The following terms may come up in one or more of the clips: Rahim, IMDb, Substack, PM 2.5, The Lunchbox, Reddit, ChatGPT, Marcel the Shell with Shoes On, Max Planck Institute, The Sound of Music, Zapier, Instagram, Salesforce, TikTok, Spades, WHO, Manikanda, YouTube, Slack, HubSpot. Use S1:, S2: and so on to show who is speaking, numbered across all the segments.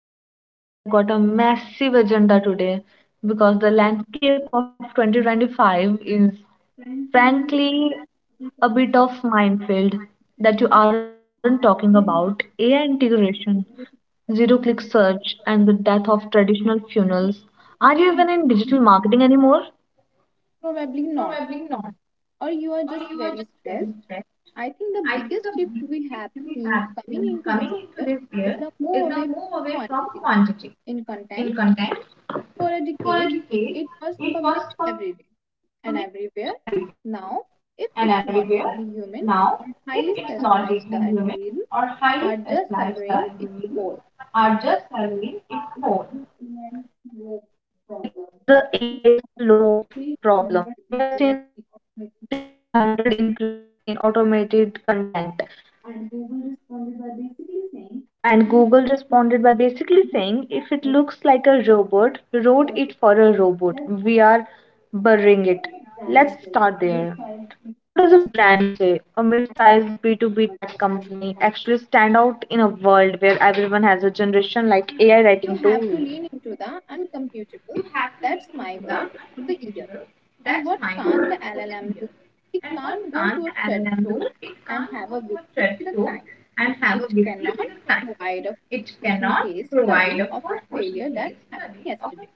S1: settle
S2: settle
S1: in. We have got a massive agenda today because
S2: well,
S1: the landscape of 2025 is
S2: frankly,
S1: frankly
S2: a bit
S1: a
S2: of
S1: bit of minefield that
S2: out
S1: you aren't talking about.
S2: and
S1: AI integration,
S2: zero to
S1: zero-click search, and the death of traditional funnels. Are you even in digital marketing anymore?
S2: probably not. Or you are just very stressed. I think the biggest shift we have seen coming into this year is the move away from quantity in content. For a decade, it was published every day and everywhere. Now, if it's not deeply human or highly specialized, the algorithms are just serving its role. The immense work
S1: It's
S2: problem.
S1: the AI slope problem.
S2: 300
S1: We have seen a
S2: essays
S1: thir-
S2: economists
S1: 300 increase in automated content.
S2: and Google responded by basically saying,
S1: And
S2: "You
S1: Google
S2: can actually
S1: responded by basically
S2: use the
S1: saying, if it
S2: query. Let's
S1: looks like a robot, wrote
S2: start
S1: it
S2: with
S1: for a robot. We are burying it.
S2: a brand
S1: Let's
S2: first,
S1: start
S2: a
S1: there.
S2: mid-sized
S1: How
S2: business
S1: does a
S2: that
S1: brand say a
S2: handles
S1: mid-sized
S2: customer
S1: B2B
S2: and
S1: tech company
S2: advertising.
S1: actually stand out in a world where everyone has a generation like AI
S2: You
S1: writing
S2: have
S1: tool?
S2: to lean into the uncomputable. That's my word for the year. And what can't a LLM do? It can't go to a chat show and have a whiskey with a client. It cannot provide a person case study of a failure that happened yesterday.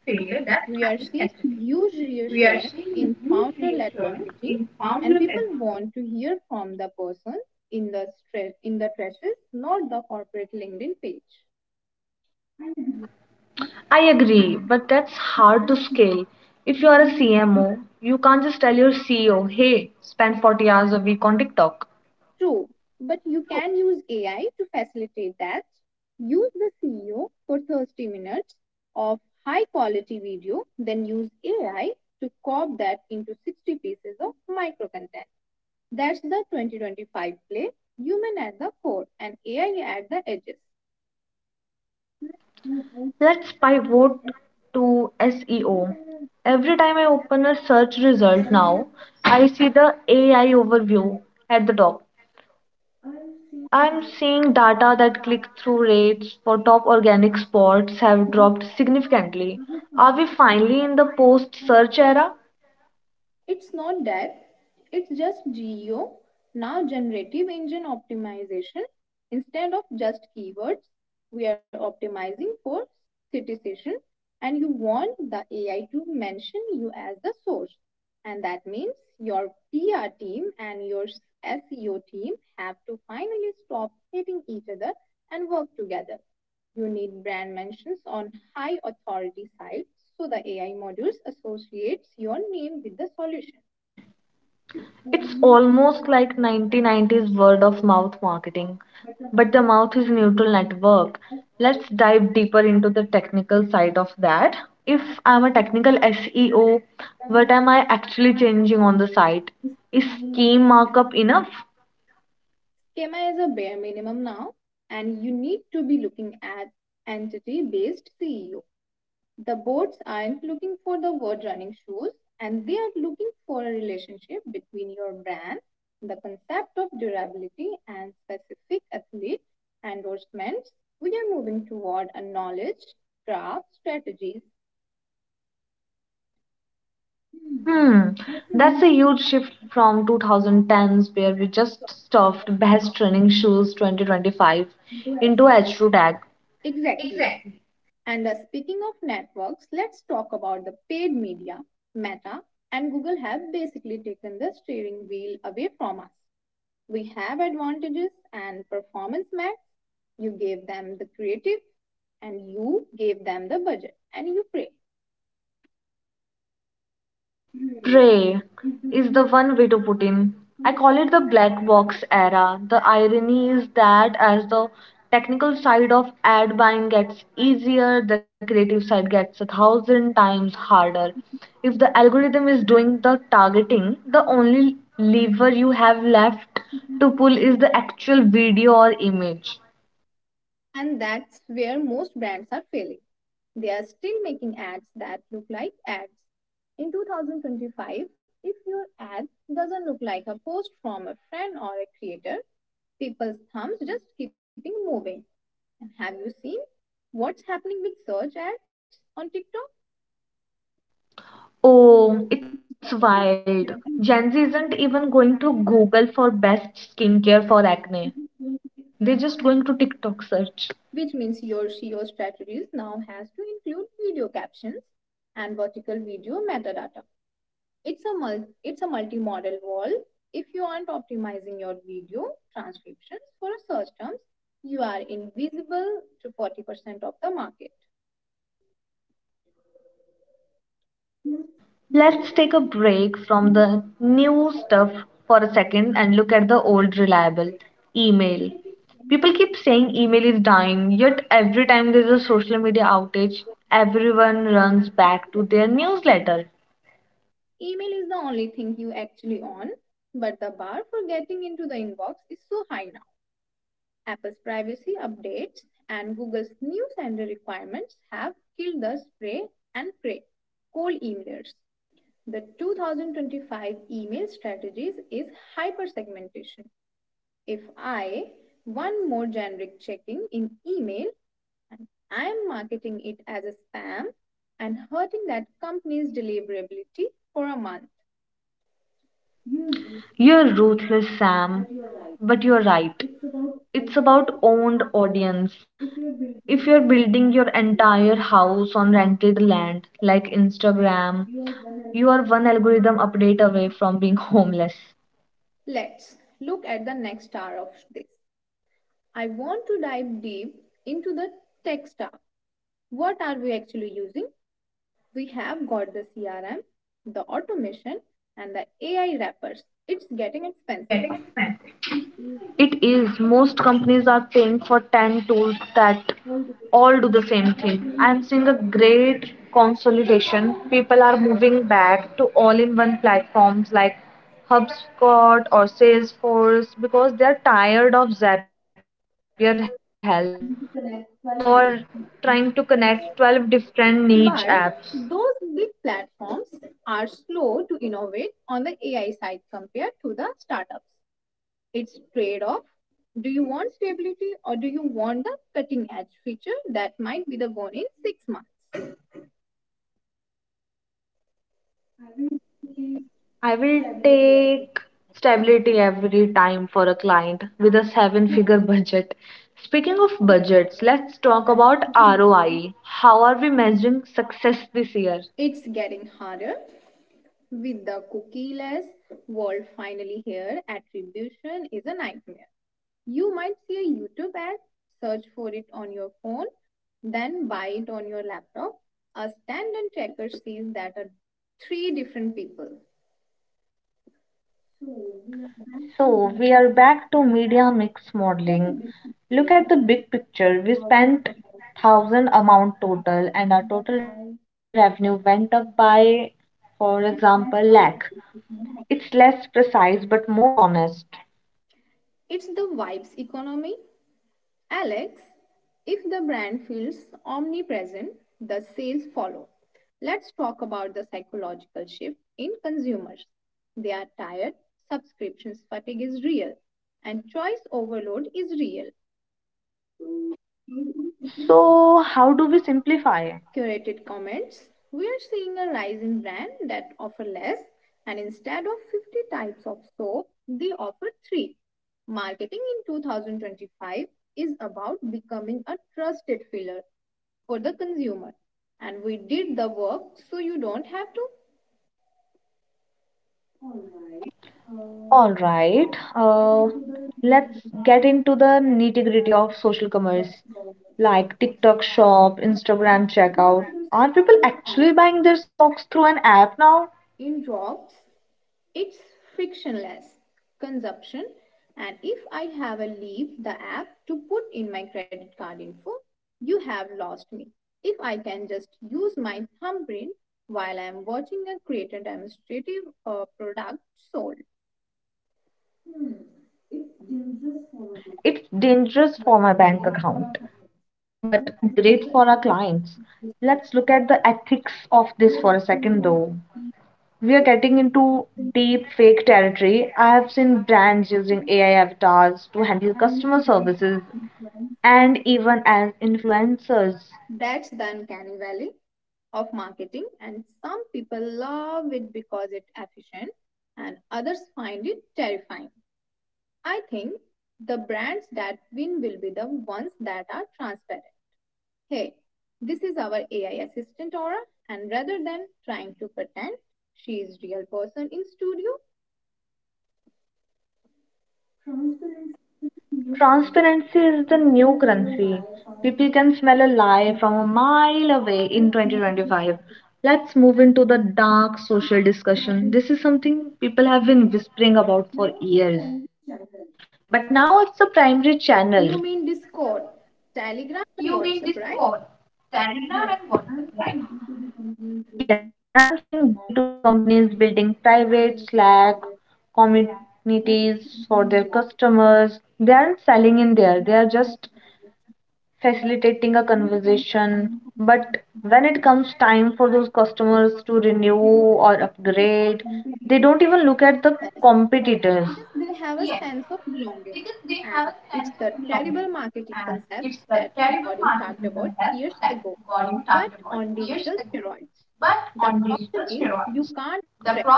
S2: We are seeing huge reassurance in founder led marketing, and people want to hear from the person in the stress in the trenches, not the corporate LinkedIn page. I agree. That's
S1: I
S2: how it
S1: agree,
S2: is.
S1: but that's hard to
S2: Yes, yes.
S1: scale. If you
S2: You
S1: are a
S2: understand
S1: CMO, you
S2: the
S1: can't just tell your CEO, hey, spend 40 hours a week on TikTok.
S2: true, but you can use AI to facilitate that. Use the CEO for 30 minutes of high quality video, then use AI to cob that into 60 pieces of micro content. That's the 2025 play, human at the core and AI at the
S1: Let's pivot to SEO. Every time I open a search result now, I see the
S2: edges.
S1: AI overview at the top. I'm seeing data that click through rates for top organic spots have dropped significantly. Are we finally in the post search era?
S2: It's not that, it's just GEO, now generative engine optimization. Instead of just keywords, we are optimizing for citation, and you want the AI to mention you as the source. And that means your PR team and your SEO team have to finally stop hating each other and work together. You need brand mentions on high authority sites so the AI modules associates your name with the solution.
S1: It's
S2: Schema
S1: almost like 1990s word of mouth marketing, but the mouth is neutral network. Let's dive deeper into the technical side of that. If I'm a technical SEO, what am I actually changing on the site? Is scheme markup enough?
S2: is a bare minimum now, and you need to be looking at entity based CEO. The boards aren't looking for the word running shoes and they are looking for a relationship between your brand, the concept of durability and specific athlete endorsements. We are moving toward a knowledge craft strategies. Hmm,
S1: Hmm,
S2: that's
S1: that's a
S2: a new
S1: huge
S2: shift.
S1: shift from 2010s where we just stuffed best running shoes 2025 into H2 tag.
S2: Exactly. And speaking of networks, let's talk about the paid media. Meta and Google have basically taken the steering wheel away from us. We have advantages and performance max. You gave them the creative and you gave them the budget and you pray.
S1: Prey is the one way to put in. I call it the black box era. The irony is that as the technical side of ad buying gets easier, the creative side gets a thousand times harder. If the algorithm is doing the targeting, the only lever you have left to pull is the actual video or image.
S2: And that's where most brands are failing. They are still making ads that look like ads. In 2025, if your ad doesn't look like a post from a friend or a creator, people's thumbs just keeping moving. And have you seen what's happening with search ads on TikTok?
S1: Oh, it's wild. Gen Z isn't even going to Google for best skincare for acne. They're just going to TikTok search.
S2: Which means your SEO strategies now has to include video captions and vertical video metadata. It's a multi-model wall. If you aren't optimizing your video transcriptions for search terms, you are invisible to 40% of the market.
S1: Let's take a break from the new stuff for a second and look at the old reliable email. People keep saying email is dying, yet every time there's a social media outage, everyone runs back to their newsletter.
S2: Email is the only thing you actually own, but the bar for getting into the inbox is so high now. Apple's privacy updates and Google's new sender requirements have killed the spray and pray cold emailers. The 2025 email strategies is hypersegmentation. If I want more generic checking in email and I am marketing it as a spam and hurting that company's deliverability for a month, you lose
S1: You're
S2: know,
S1: ruthless,
S2: but
S1: Sam,
S2: you're right.
S1: but you're right.
S2: It's about
S1: It's
S2: building
S1: about
S2: projects.
S1: owned audience.
S2: If you're building
S1: If
S2: your
S1: you're
S2: own,
S1: building your entire house on rented land like Instagram,
S2: you are one and
S1: you are
S2: one.
S1: one algorithm update away from being homeless.
S2: Let's look at the next hour of this. I want to dive deep into the tech stack. What are we actually using? We have got the CRM, the automation, and the AI wrappers. It's getting expensive. It is
S1: It is. Most companies are paying for 10 tools that
S2: all the
S1: all do the same thing. I'm seeing a great consolidation. People are moving back to all in one platforms like HubSpot or Salesforce because they're tired of
S2: way.
S1: Zapier hell or trying to connect 12 different niche
S2: But
S1: apps.
S2: those big platforms are slow to innovate on the AI side compared to the startups. It's trade off. Do you want stability or do you want the cutting edge feature that might be the gone in 6 months?
S1: I will take stability every time for a client with a seven figure budget. Speaking of budgets, let's talk about ROI. How are we measuring success this year?
S2: It's getting harder. With the cookieless world finally here, attribution is a nightmare. You might see a YouTube ad, search for it on your phone, then buy it on your laptop. A standard tracker sees that are three different people. So we are back to
S1: So, we are
S2: mainline
S1: back to
S2: medicine.
S1: media mix
S2: But the
S1: modeling.
S2: big picture,
S1: Look at
S2: this
S1: the
S2: time
S1: big picture. We
S2: problem
S1: spent
S2: about
S1: 1000
S2: people.
S1: amount total and our total revenue went up by for example lakh. It's less precise but more honest.
S2: It's the vibes economy. Alex, if the brand feels omnipresent, the sales follow. Let's talk about the psychological shift in consumers. They are tired, subscriptions fatigue is real, and choice overload is real.
S1: So, how do we simplify?
S2: Curated comments, we are seeing a rise in brands that offer less, and instead of 50 types of soap, they offer three. Marketing in 2025 is about becoming a trusted filler for the consumer. And we did the work so you don't have to. All right. Uh,
S1: All right.
S2: let's get
S1: Uh,
S2: into the
S1: let's
S2: nitty-gritty.
S1: get into the
S2: It's
S1: nitty-gritty of social
S2: not
S1: commerce,
S2: about
S1: like TikTok shop, Instagram
S2: actually buy
S1: checkout.
S2: the
S1: Are people
S2: subscription ad.
S1: actually buying their socks through an app now?
S2: In drops, it's frictionless consumption. And if I have a leave the app to put in my credit card info, you have lost me. If I can just use my thumbprint while I am watching a creator demonstrative product sold. Hmm. It's dangerous
S1: Hmm.
S2: for a platform,
S1: It's dangerous for
S2: but
S1: my bank
S2: great for our
S1: account,
S2: community.
S1: but
S2: Let's
S1: great
S2: look
S1: for
S2: at
S1: our
S2: the ethics
S1: clients.
S2: of this
S1: Let's look at the
S2: perspective.
S1: ethics of this
S2: We're
S1: for a
S2: destined
S1: second,
S2: to
S1: though.
S2: be
S1: We are
S2: better,
S1: getting into
S2: something
S1: deep fake territory. I have seen brands using AI avatars to handle
S2: and
S1: customer
S2: even
S1: services
S2: influence.
S1: and even as influencers.
S2: That's the uncanny valley of marketing, and some people love it because it's efficient, and others find it terrifying. I think the brands that win will be the ones that are transparent. Hey, this is our AI assistant Aura, and rather than trying to pretend she is real person in studio, transparency is useless.
S1: Transparency is the
S2: If you
S1: new
S2: can smell a
S1: currency.
S2: lie from a
S1: People can smell a lie
S2: mile.
S1: from a mile away in
S2: Let's move to
S1: 2025. Let's move into the dark social
S2: you have
S1: discussion.
S2: been
S1: This is something people have been whispering
S2: now
S1: about
S2: it's
S1: for
S2: a friendly
S1: years,
S2: channel.
S1: but now it's the primary channel.
S2: You mean Discord, Telegram, and WhatsApp, right? Yes, I'm still due to the companies
S1: Yes,
S2: waiting
S1: I'm seeing
S2: for
S1: B2B companies building private
S2: meetings for
S1: Slack
S2: the customer. They're not
S1: communities
S2: living
S1: for their
S2: in there. They're just
S1: customers. They aren't selling in there, they are
S2: facilitating a
S1: just
S2: conversation. But
S1: facilitating a
S2: when it comes to
S1: conversation.
S2: financial
S1: But when
S2: customers,
S1: it comes time for those customers to renew
S2: they don't
S1: or
S2: have
S1: upgrade,
S2: the
S1: they
S2: competitor.
S1: don't even look at the
S2: Yes,
S1: competitors.
S2: because they have a sense of belonging. And it's the terrible marketing concept that Gordon talked about years ago, but on digital steroids. The problem is you can't track it,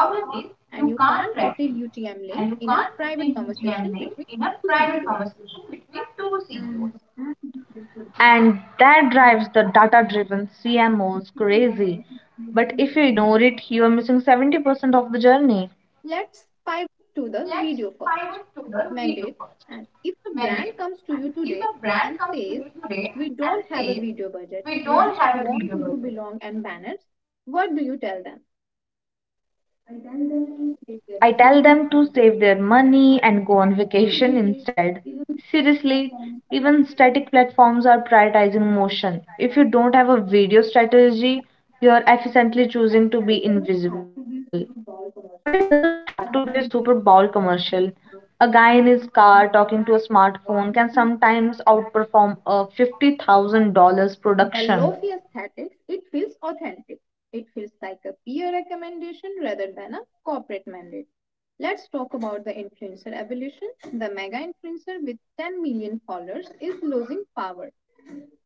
S2: and you can't put a UTM link in a private conversation between two CEOs.
S1: And that drives the data driven CMOs crazy. But if you ignore it, you are missing 70% of the journey.
S2: Let's pivot to the video first. Mandate. And if a brand comes to you today and says, we don't have a video budget, we just want to do belong and banners, what do you tell them? I tell them to save their
S1: I tell
S2: money
S1: them
S2: and
S1: to save their money and go on vacation
S2: seriously,
S1: instead.
S2: even static
S1: Seriously,
S2: platforms are.
S1: even static platforms are prioritizing motion. If you don't have a video strategy, you're efficiently choosing to
S2: It
S1: be
S2: doesn't have to
S1: invisible.
S2: be a Super
S1: But
S2: Bowl
S1: it doesn't
S2: commercial.
S1: have to be a
S2: A
S1: Super
S2: line is
S1: Bowl
S2: Dr.
S1: commercial.
S2: Bismarck,
S1: A guy in
S2: and
S1: his car
S2: sometimes also,
S1: talking to a smartphone can
S2: $50.
S1: sometimes outperform a $50,000
S2: The
S1: production.
S2: lofi aesthetics, it feels authentic. It feels like a peer recommendation rather than a corporate mandate. Let's talk about the influencer evolution. The mega influencer with 10 million followers is losing power.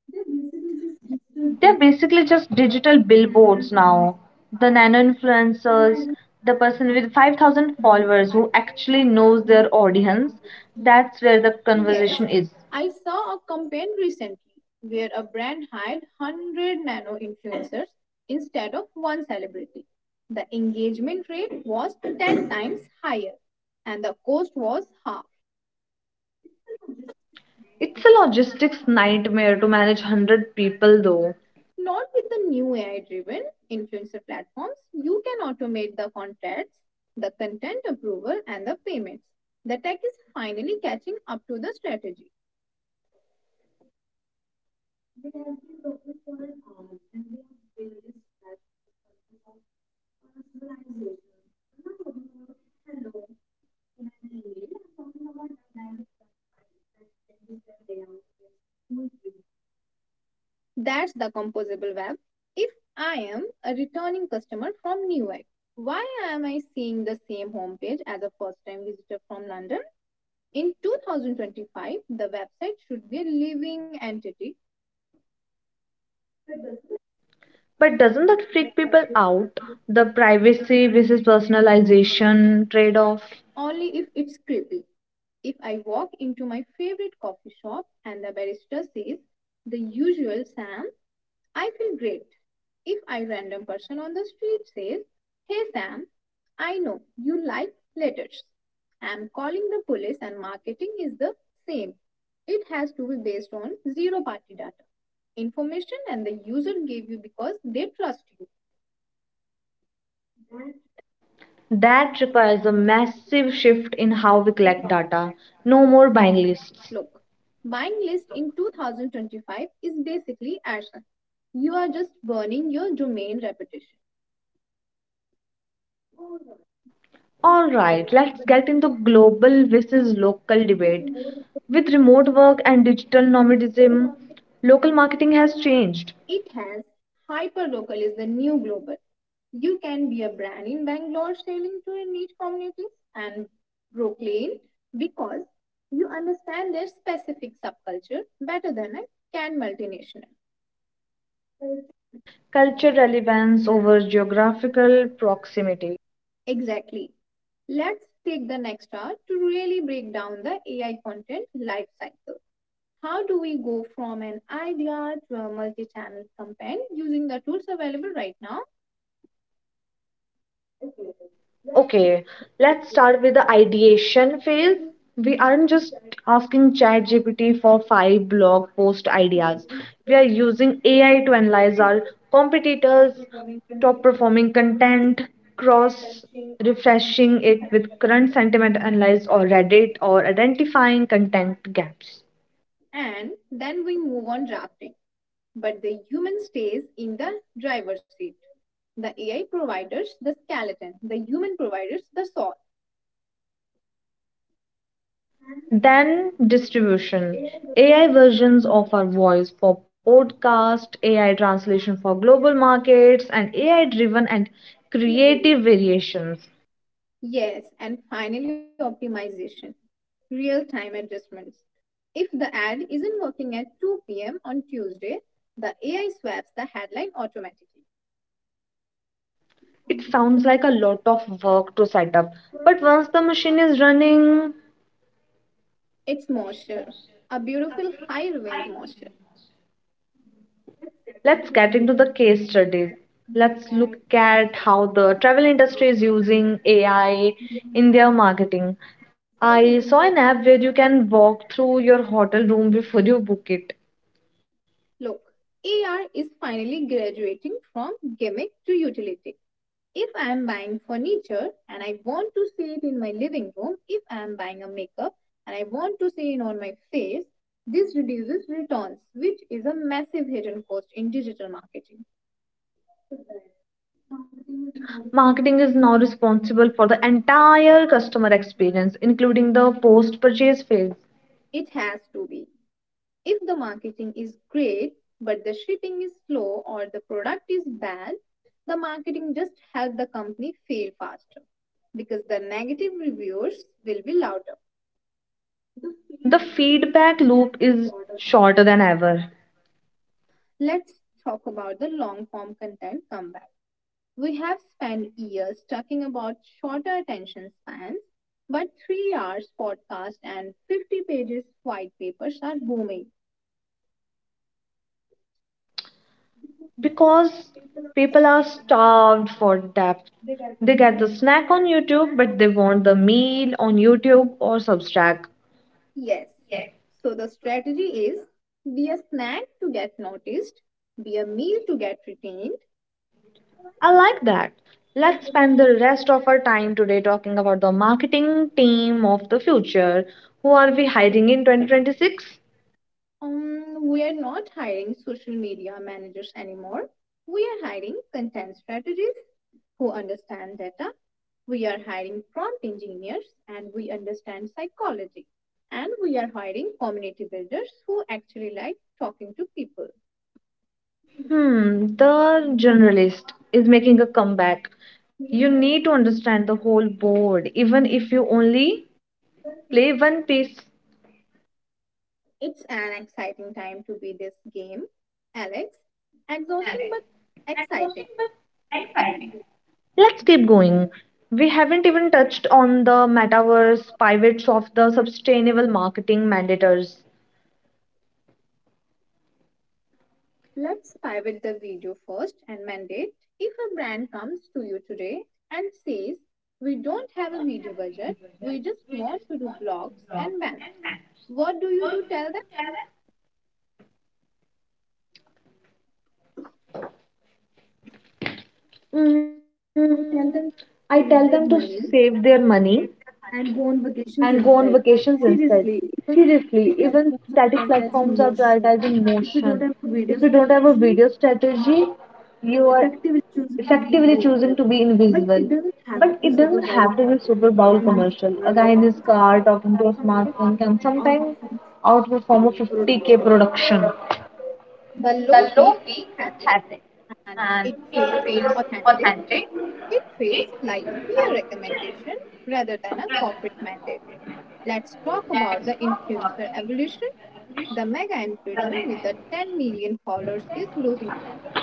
S2: They're basically just digital big
S1: They're basically just digital
S2: nano
S1: billboards
S2: influencers,
S1: now. The nano influencers,
S2: 5,000
S1: the person with 5,000
S2: views,
S1: followers who actually knows
S2: that's
S1: their
S2: the
S1: audience, that's where the
S2: yes,
S1: conversation is.
S2: I saw a campaign recently where a brand hired 100 nano influencers instead of one celebrity. The engagement rate was 10 times higher and the cost was half.
S1: It's a logistics nightmare to manage 100 people though.
S2: Not with the new AI driven influencer platforms, you can automate the contracts, the content approval, and the payments. The tech is finally catching up to the strategy. They directly focus on an
S1: We
S2: art
S1: have been
S2: and the
S1: talking for an
S2: various
S1: hour
S2: that
S1: and we have
S2: the purpose of
S1: barely scratched the surface of
S2: civilization. I'm not
S1: personalization.
S2: talking about
S1: I'm
S2: hello,
S1: not talking about
S2: in an email,
S1: hello
S2: I'm talking
S1: in
S2: about
S1: an
S2: dynamic
S1: email, I'm talking about
S2: websites that
S1: dynamic
S2: changes their layout
S1: website that
S2: based on who
S1: changes
S2: is
S1: their
S2: reading.
S1: layout based on who is visiting.
S2: That's the composable web. If I am a returning customer from Newark, why am I seeing the same homepage as a first time visitor from London? In 2025, the website should be a living entity with
S1: But doesn't that freak people out? The privacy versus personalization trade off?
S2: only if it's creepy. If I walk into my favorite coffee shop and the barista says, the usual Sam, I feel great. If a random person on the street says, hey Sam, I know you like letters. I'm calling the police and marketing is the same. It has to be based on zero party data, information and the user gave you because they trust you.
S1: That requires a massive shift in how we collect data. No more buying lists.
S2: Look, buying list in 2025 is basically action. You are just burning your domain reputation.
S1: Alright, let's get into global versus local debate. With remote work and digital nomadism, local marketing has changed.
S2: It has hyperlocal is the new global. You can be a brand in Bangalore selling to a niche communities and Brooklyn because you understand their specific subculture better than a can multinational.
S1: Culture relevance over geographical proximity.
S2: Exactly. Let's take the next hour to really break down the AI content life cycle. How do we go from an idea to a multi channel campaign using the tools available right now? Okay,
S1: Okay,
S2: let's
S1: let's
S2: take
S1: start
S2: it.
S1: with the ideation phase.
S2: I'm
S1: We aren't just
S2: just
S1: asking ChatGPT for five blog post ideas.
S2: using
S1: We are using AI to analyze our
S2: top
S1: competitors,
S2: performing
S1: top performing content, cross
S2: caching.
S1: refreshing it with current sentiment analysis or Reddit, or identifying content gaps.
S2: And then we move on drafting. But the human stays in the driver's seat. The AI providers the skeleton, the human providers the soul.
S1: Then distribution. AI versions of our voice for podcast, AI translation for global markets, and AI driven and creative variations.
S2: Yes, and finally, optimization real time adjustments. If the ad isn't working at 2 p.m. on Tuesday, the AI swaps the headline automatically.
S1: It sounds like a lot of work to set up, but once the machine is running,
S2: It's moisture, a beautiful high revenge moisture.
S1: let's get into the case studies. Let's look at how the travel industry is using AI in their marketing. I saw an app where you can walk through your hotel room before you book it.
S2: Look, AR is finally graduating from gimmick to utility. If I am buying furniture and I want to see it in my living room, if I am buying a makeup and I want to see it on my face, this reduces returns, which is a massive hidden cost in digital marketing.
S1: Correct. Marketing is now responsible for the entire customer experience, including the post purchase phase.
S2: It has to be. If the marketing is great, but the shipping is slow or the product is bad, the marketing just helped the company fail faster because the negative reviews will be louder.
S1: The feedback loop is shorter than ever
S2: Let's talk about the long form content comeback. We have spent years talking about shorter attention spans, but 3 hours podcast and 50 pages white papers are booming.
S1: because people are starved for depth. They get the snack on YouTube, but they want the meal on YouTube or Substack.
S2: Yes. So the strategy is be a snack to get noticed, be a meal to get retained.
S1: I like that. Let's spend the rest of our time today talking about the marketing team of the future. Who are we hiring in 2026?
S2: We are not hiring social media managers anymore. We are hiring content strategists who understand data. We are hiring prompt engineers and we understand psychology. And we are hiring community builders who actually like talking to people.
S1: Hmm, the generalist is making a comeback. You need to understand the whole board, even if you only play one piece.
S2: It's an exciting time to be this game, Alex. Exhausting but exciting.
S1: Let's keep going. We haven't even touched on the metaverse pivots of the sustainable marketing mandators.
S2: Let's pivot the video first and mandate. If a brand comes to you today and says, we don't have a video budget, we just want to do blogs and banners, what do you do? Tell them?
S1: Mm,
S2: I tell them
S1: I
S2: to
S1: tell them to
S2: save their
S1: save their
S2: money
S1: money
S2: and go on
S1: and go on
S2: vacations
S1: vacations
S2: instead.
S1: instead.
S2: Seriously,
S1: Seriously,
S2: even
S1: even
S2: the
S1: static
S2: platforms
S1: platforms
S2: are
S1: are
S2: prioritizing
S1: prioritizing
S2: motion.
S1: motion. If
S2: If
S1: you
S2: you
S1: don't
S2: don't
S1: have
S2: have
S1: a
S2: a video
S1: video
S2: strategy,
S1: strategy,
S2: you
S1: you are
S2: effectively
S1: effectively
S2: choosing
S1: choosing to
S2: to
S1: be
S2: be invisible.
S1: invisible.
S2: But
S1: But it
S2: it
S1: doesn't
S2: doesn't have
S1: have
S2: to
S1: to be
S2: be
S1: Super
S2: superpower.
S1: Bowl commercial. A guy in
S2: Kindness
S1: his
S2: is part
S1: car
S2: of
S1: talking to a
S2: smart,
S1: smartphone
S2: and
S1: can
S2: sometimes
S1: sometimes
S2: outperforms
S1: outperform a
S2: peak
S1: 50K
S2: production.
S1: production.
S2: The low fee is catchy and it feels authentic. It feels like a peer recommendation rather than a corporate mandate. Let's talk about the influencer evolution. The mega influencer with the 10 million followers is losing power.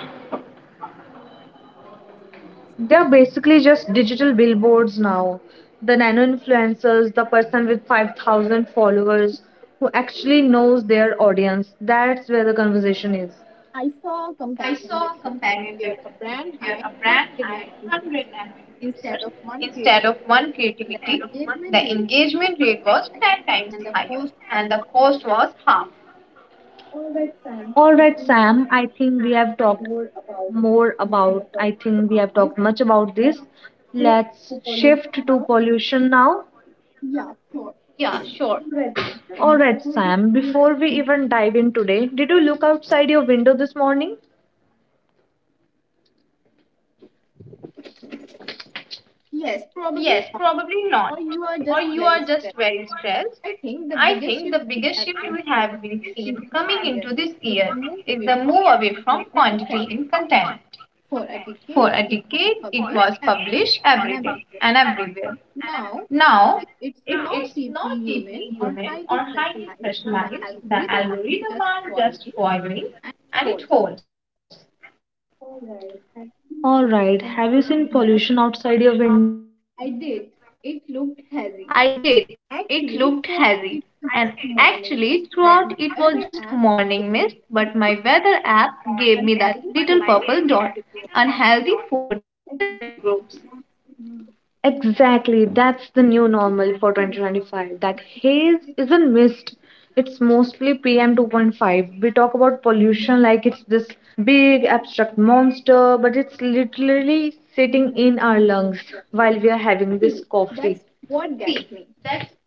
S1: They're basically just digital billboards now. The nano influencers, the person with 5,000 followers who actually knows their audience. That's where the conversation is.
S2: I saw a companion restaurant where a brand hired 100 nano influencers instead of one creative. The engagement rate was high, and the cost of all that time,
S1: All
S2: I
S1: right,
S2: think
S1: Sam,
S2: more about, I think in the
S1: I
S2: purpose
S1: think
S2: of
S1: we have
S2: this
S1: talked much about
S2: that
S1: this.
S2: shift
S1: Let's
S2: to pollution
S1: shift to
S2: now.
S1: pollution now.
S2: Yeah, sure. Red
S1: All
S2: system,
S1: right, Sam, before we even dive in today, did you look outside your window this morning?
S2: yes, probably not. Or you are just very stressed. I think the biggest shift we have been seeing coming into this year is the move away from manipulating content. For a decade, it was published everything and everywhere. Now, if it's not deeply human or highly specialized, the algorithm might just spoil it and false. All right, have you been to
S1: All
S2: some
S1: right, have you
S2: window?
S1: seen pollution outside your
S2: I
S1: window?
S2: did. It looked hazy. Actually, throughout it was just morning mist, but my weather app declared it to unhealthy for the sensitive groups.
S1: Exactly, that's the new normal for 2025. That haze isn't mist, it's mostly PM 2.5. We talk about pollution like it's this big abstract monster, but it's literally sitting in our lungs while we are having
S2: See,
S1: this
S2: that's
S1: coffee.
S2: what gets me.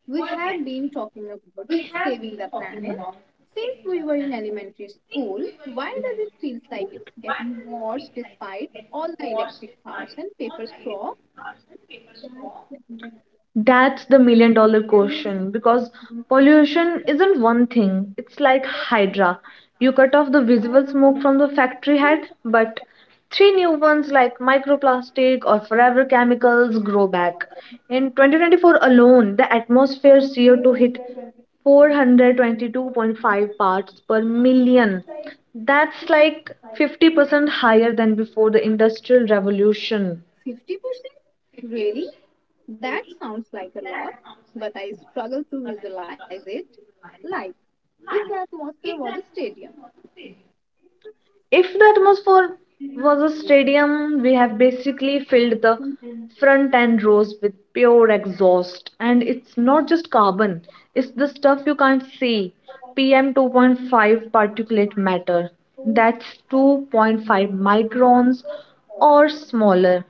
S2: We have been talking about saving the planet since we were in elementary school. Why does it feel like it's getting worse despite all the electric cars and paper straw? That's the Indian
S1: That's the million-dollar
S2: pollution
S1: question because
S2: one thing.
S1: pollution
S2: Like,
S1: isn't one thing. It's
S2: you
S1: like
S2: are talking about
S1: Hydra. You cut off the visible smoke from the factory
S2: three,
S1: head, but three new ones like microplastic or forever chemicals grow back. In 2024 alone, the atmosphere's
S2: four
S1: CO2 hit
S2: hundred and
S1: 422.5 parts per million.
S2: like
S1: That's like 50% higher than before the Industrial Revolution.
S2: 50%? Really? That sounds like a lot, but I struggle to visualize it. Like, if the atmosphere was a stadium. If it was
S1: If the
S2: for
S1: atmosphere
S2: Indian.
S1: was a stadium, we have basically filled
S2: So
S1: the
S2: these
S1: front end rows with pure exhaust. And it's not just carbon, it's the stuff you can't see. PM 2.5 particulate matter. That's 2.5 microns or smaller.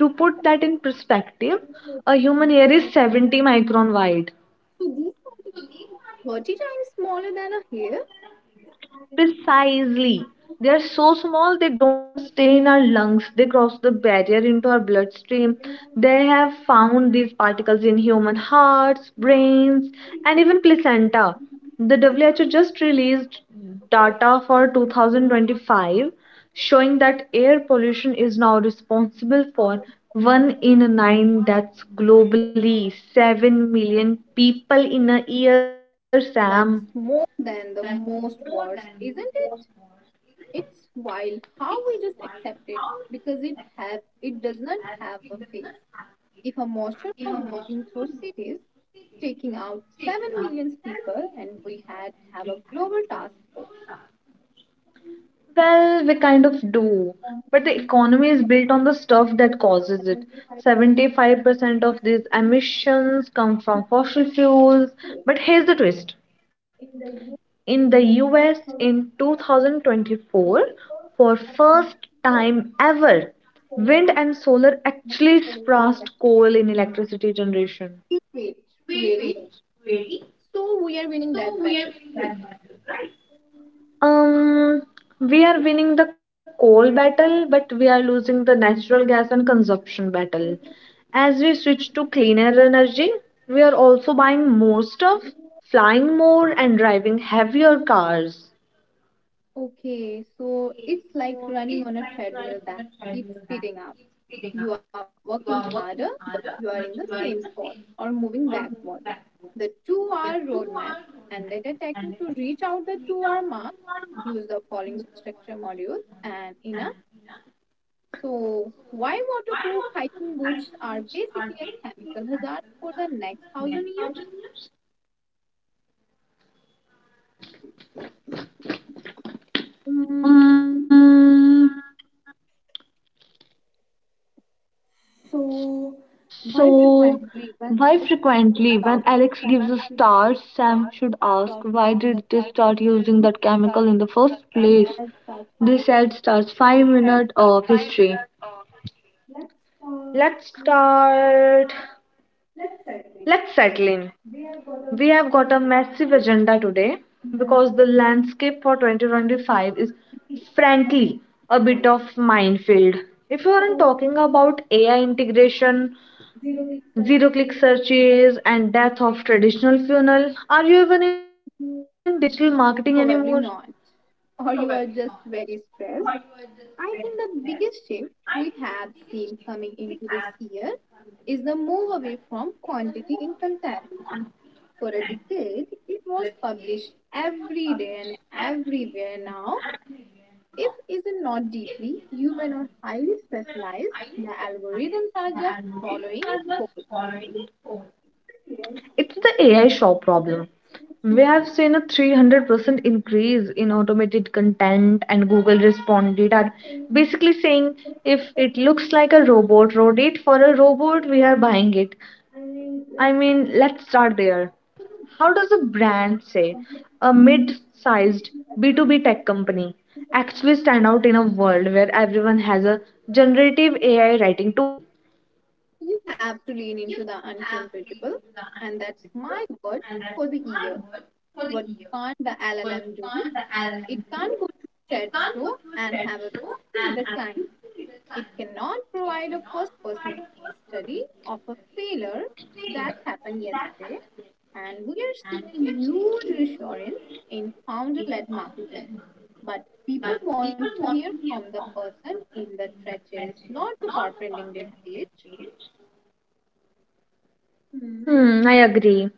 S1: To put that in perspective, a human hair is 70 micron wide.
S2: particles are 30 times smaller than a hair?
S1: Precisely. They are so small, they don't just stay in our lungs, they cross the barrier into our bloodstream. They have found these particles in human hearts, brains, and even placenta. The WHO just released data for 2025 showing that air pollution is now responsible for 1 in 9 deaths globally. 7 million people in a year, Sam.
S2: That's more than the most wars, isn't it? It's wild how we just accept it because it does not have a face. If a monster was walking through cities, taking out 7 million people, and we had to have a global task force
S1: Well, we kind of do,
S2: on
S1: but the economy is built on the stuff that causes it.
S2: 75
S1: 75% of these
S2: million
S1: emissions come from
S2: people
S1: fossil fuels.
S2: in
S1: But here's the twist.
S2: the U S
S1: In the
S2: in
S1: US
S2: 2004
S1: in 2024, for
S2: and in
S1: first
S2: the US,
S1: time ever,
S2: solar
S1: wind and solar actually
S2: atmosphere.
S1: surpassed coal in electricity generation.
S2: Wait, really? So we are winning that battle, right?
S1: Um, we are winning the coal battle, but we are losing the natural gas and consumption battle. As we switch to cleaner energy, we are also buying more stuff,
S2: As we
S1: flying more,
S2: have,
S1: and driving heavier cars.
S2: okay, so it's like running on a treadmill that keeps speeding up. You are working harder, but you are in the same spot or moving backward. The 2 hour roadmap and data tagging to reach out the 2 hour mark, use the following structure modules and INA. So, why waterproof hiking boots are basically a chemical hazard for the next thousand years?
S1: Mm,
S2: Mm, so,
S1: so,
S2: why
S1: why frequently?
S2: frequently when
S1: When
S2: I
S1: Alex gives a
S2: start
S1: star, Sam should ask,
S2: I
S1: why did they
S2: started
S1: start
S2: in the
S1: using that chemical in the first place?
S2: this
S1: This
S2: I
S1: ad
S2: start
S1: starts
S2: five
S1: 5
S2: minutes
S1: minutes of
S2: history.
S1: history.
S2: Let's
S1: Let's
S2: start.
S1: start. Let's
S2: Let's
S1: settle
S2: settle.
S1: in. We
S2: We
S1: have
S2: have
S1: got
S2: got
S1: a
S2: a
S1: massive agenda today because the
S2: and
S1: landscape for 2025 is
S2: city
S1: frankly
S2: of
S1: a bit of
S2: mind.
S1: minefield. If you aren't talking
S2: About
S1: about AI integration,
S2: zero
S1: zero click
S2: researches.
S1: searches and death of traditional funnel, are you even in digital marketing anymore?
S2: Probably not. Or you are just very stressed. I think the biggest shift we have seen coming into this year is the move away from quantity in content. For a decade, it was published every day and everywhere. Now, if is not deeply human or highly specialized, the algorithms are just following it whole.
S1: It's the AI shop problem. We have seen a 300% increase in automated content, and Google responded are basically saying if it looks like a robot, rotate for a robot, we are buying it. I mean, let's start there. How does a brand, say, a mid sized B2B tech company, actually stand out in a world where everyone has a generative AI writing tool?
S2: You have to lean into the uncomfortable, and that's my word for the year. What can't the LLM do? It can't go to a chat show and have a meeting with a client. It cannot provide a first person case study of a failure that happened yesterday. And we are seeing a huge resurgence in founder led marketing. But people want to hear from the person in the trenches, not the corporate LinkedIn page. Hmm,
S1: Hmm, I agree.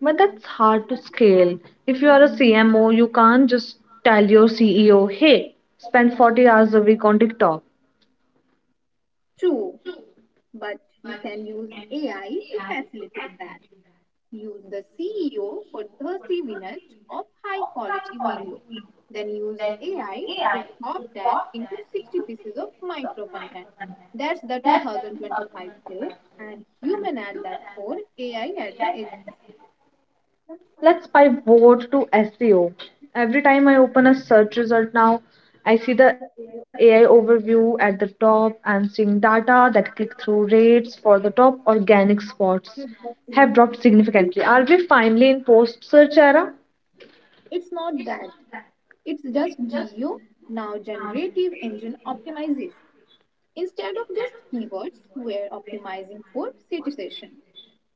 S1: But that's hard to scale. If you are a CMO, you can't just tell your CEO, hey, spend 40 hours a week on TikTok.
S2: true, but you can use AI to facilitate that. Use the CEO for 30 minutes of high quality video. Then use AI to chop that into 60 pieces of micro content. That's the 2025 play, and human at that core, AI at the edges.
S1: Let's pivot to SEO. Every time I open a search result now, I see the AI overview at the top. And seeing data that click through rates for the top organic spots have dropped significantly. Are we finally in post search era?
S2: It's not that, it's just GEO, now generative engine optimization. Instead of just keywords we're optimizing for citation,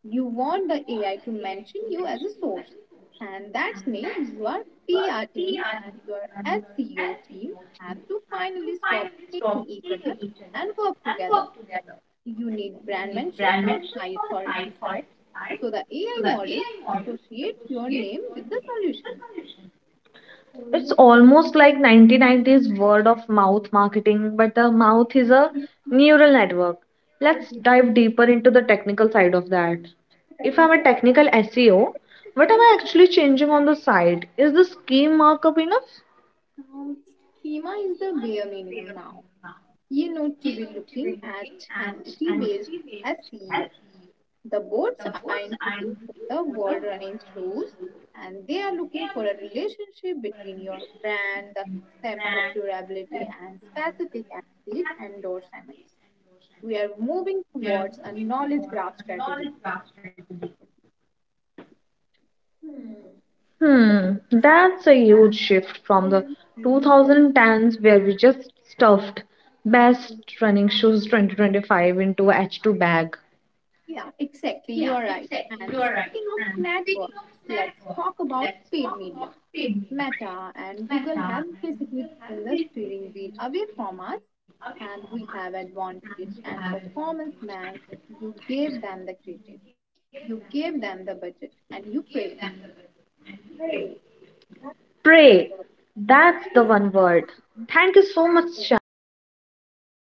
S2: you want the AI to mention you as a source. And that means your PR team and your SEO team have to finally stop hating each other and work together. You need brand mentions on high authority sites so the AI models associate your name with the solution.
S1: It's
S2: Almost
S1: almost like 1990s word of mouth marketing, but the mouth is a
S2: feels
S1: neural network.
S2: like
S1: Let's
S2: a
S1: dive deeper into the technical side of that. If I'm a
S2: technical
S1: technical SEO, what am I
S2: activity.
S1: actually changing on the site? Is the scheme markup enough?
S2: Um, Schema is the bare minimum now. You know to be looking at entity based as CEO. The boards aren't looking for the world running shows and they are looking for a relationship between your brand, the concept of durability, and specific athlete endorsements. We are moving towards a knowledge graph strategy. Hmm.
S1: Hmm, that's a huge shift from the
S2: 6,000 students will,
S1: 2010s where we just stuffed best running shoes 2025 into a H2 bag.
S2: yeah, exactly. You are right. And speaking of networks, let's talk about paid media. Meta and Google have basically taken the steering wheel away from us, and we have advantage and performance max. You gave them the credit, you gave them the budget, and you pray. Pray. That's
S1: Pray.
S2: wonderful.
S1: That's the one word. Thank you so much,
S2: Thank
S1: Sham.
S2: you so much.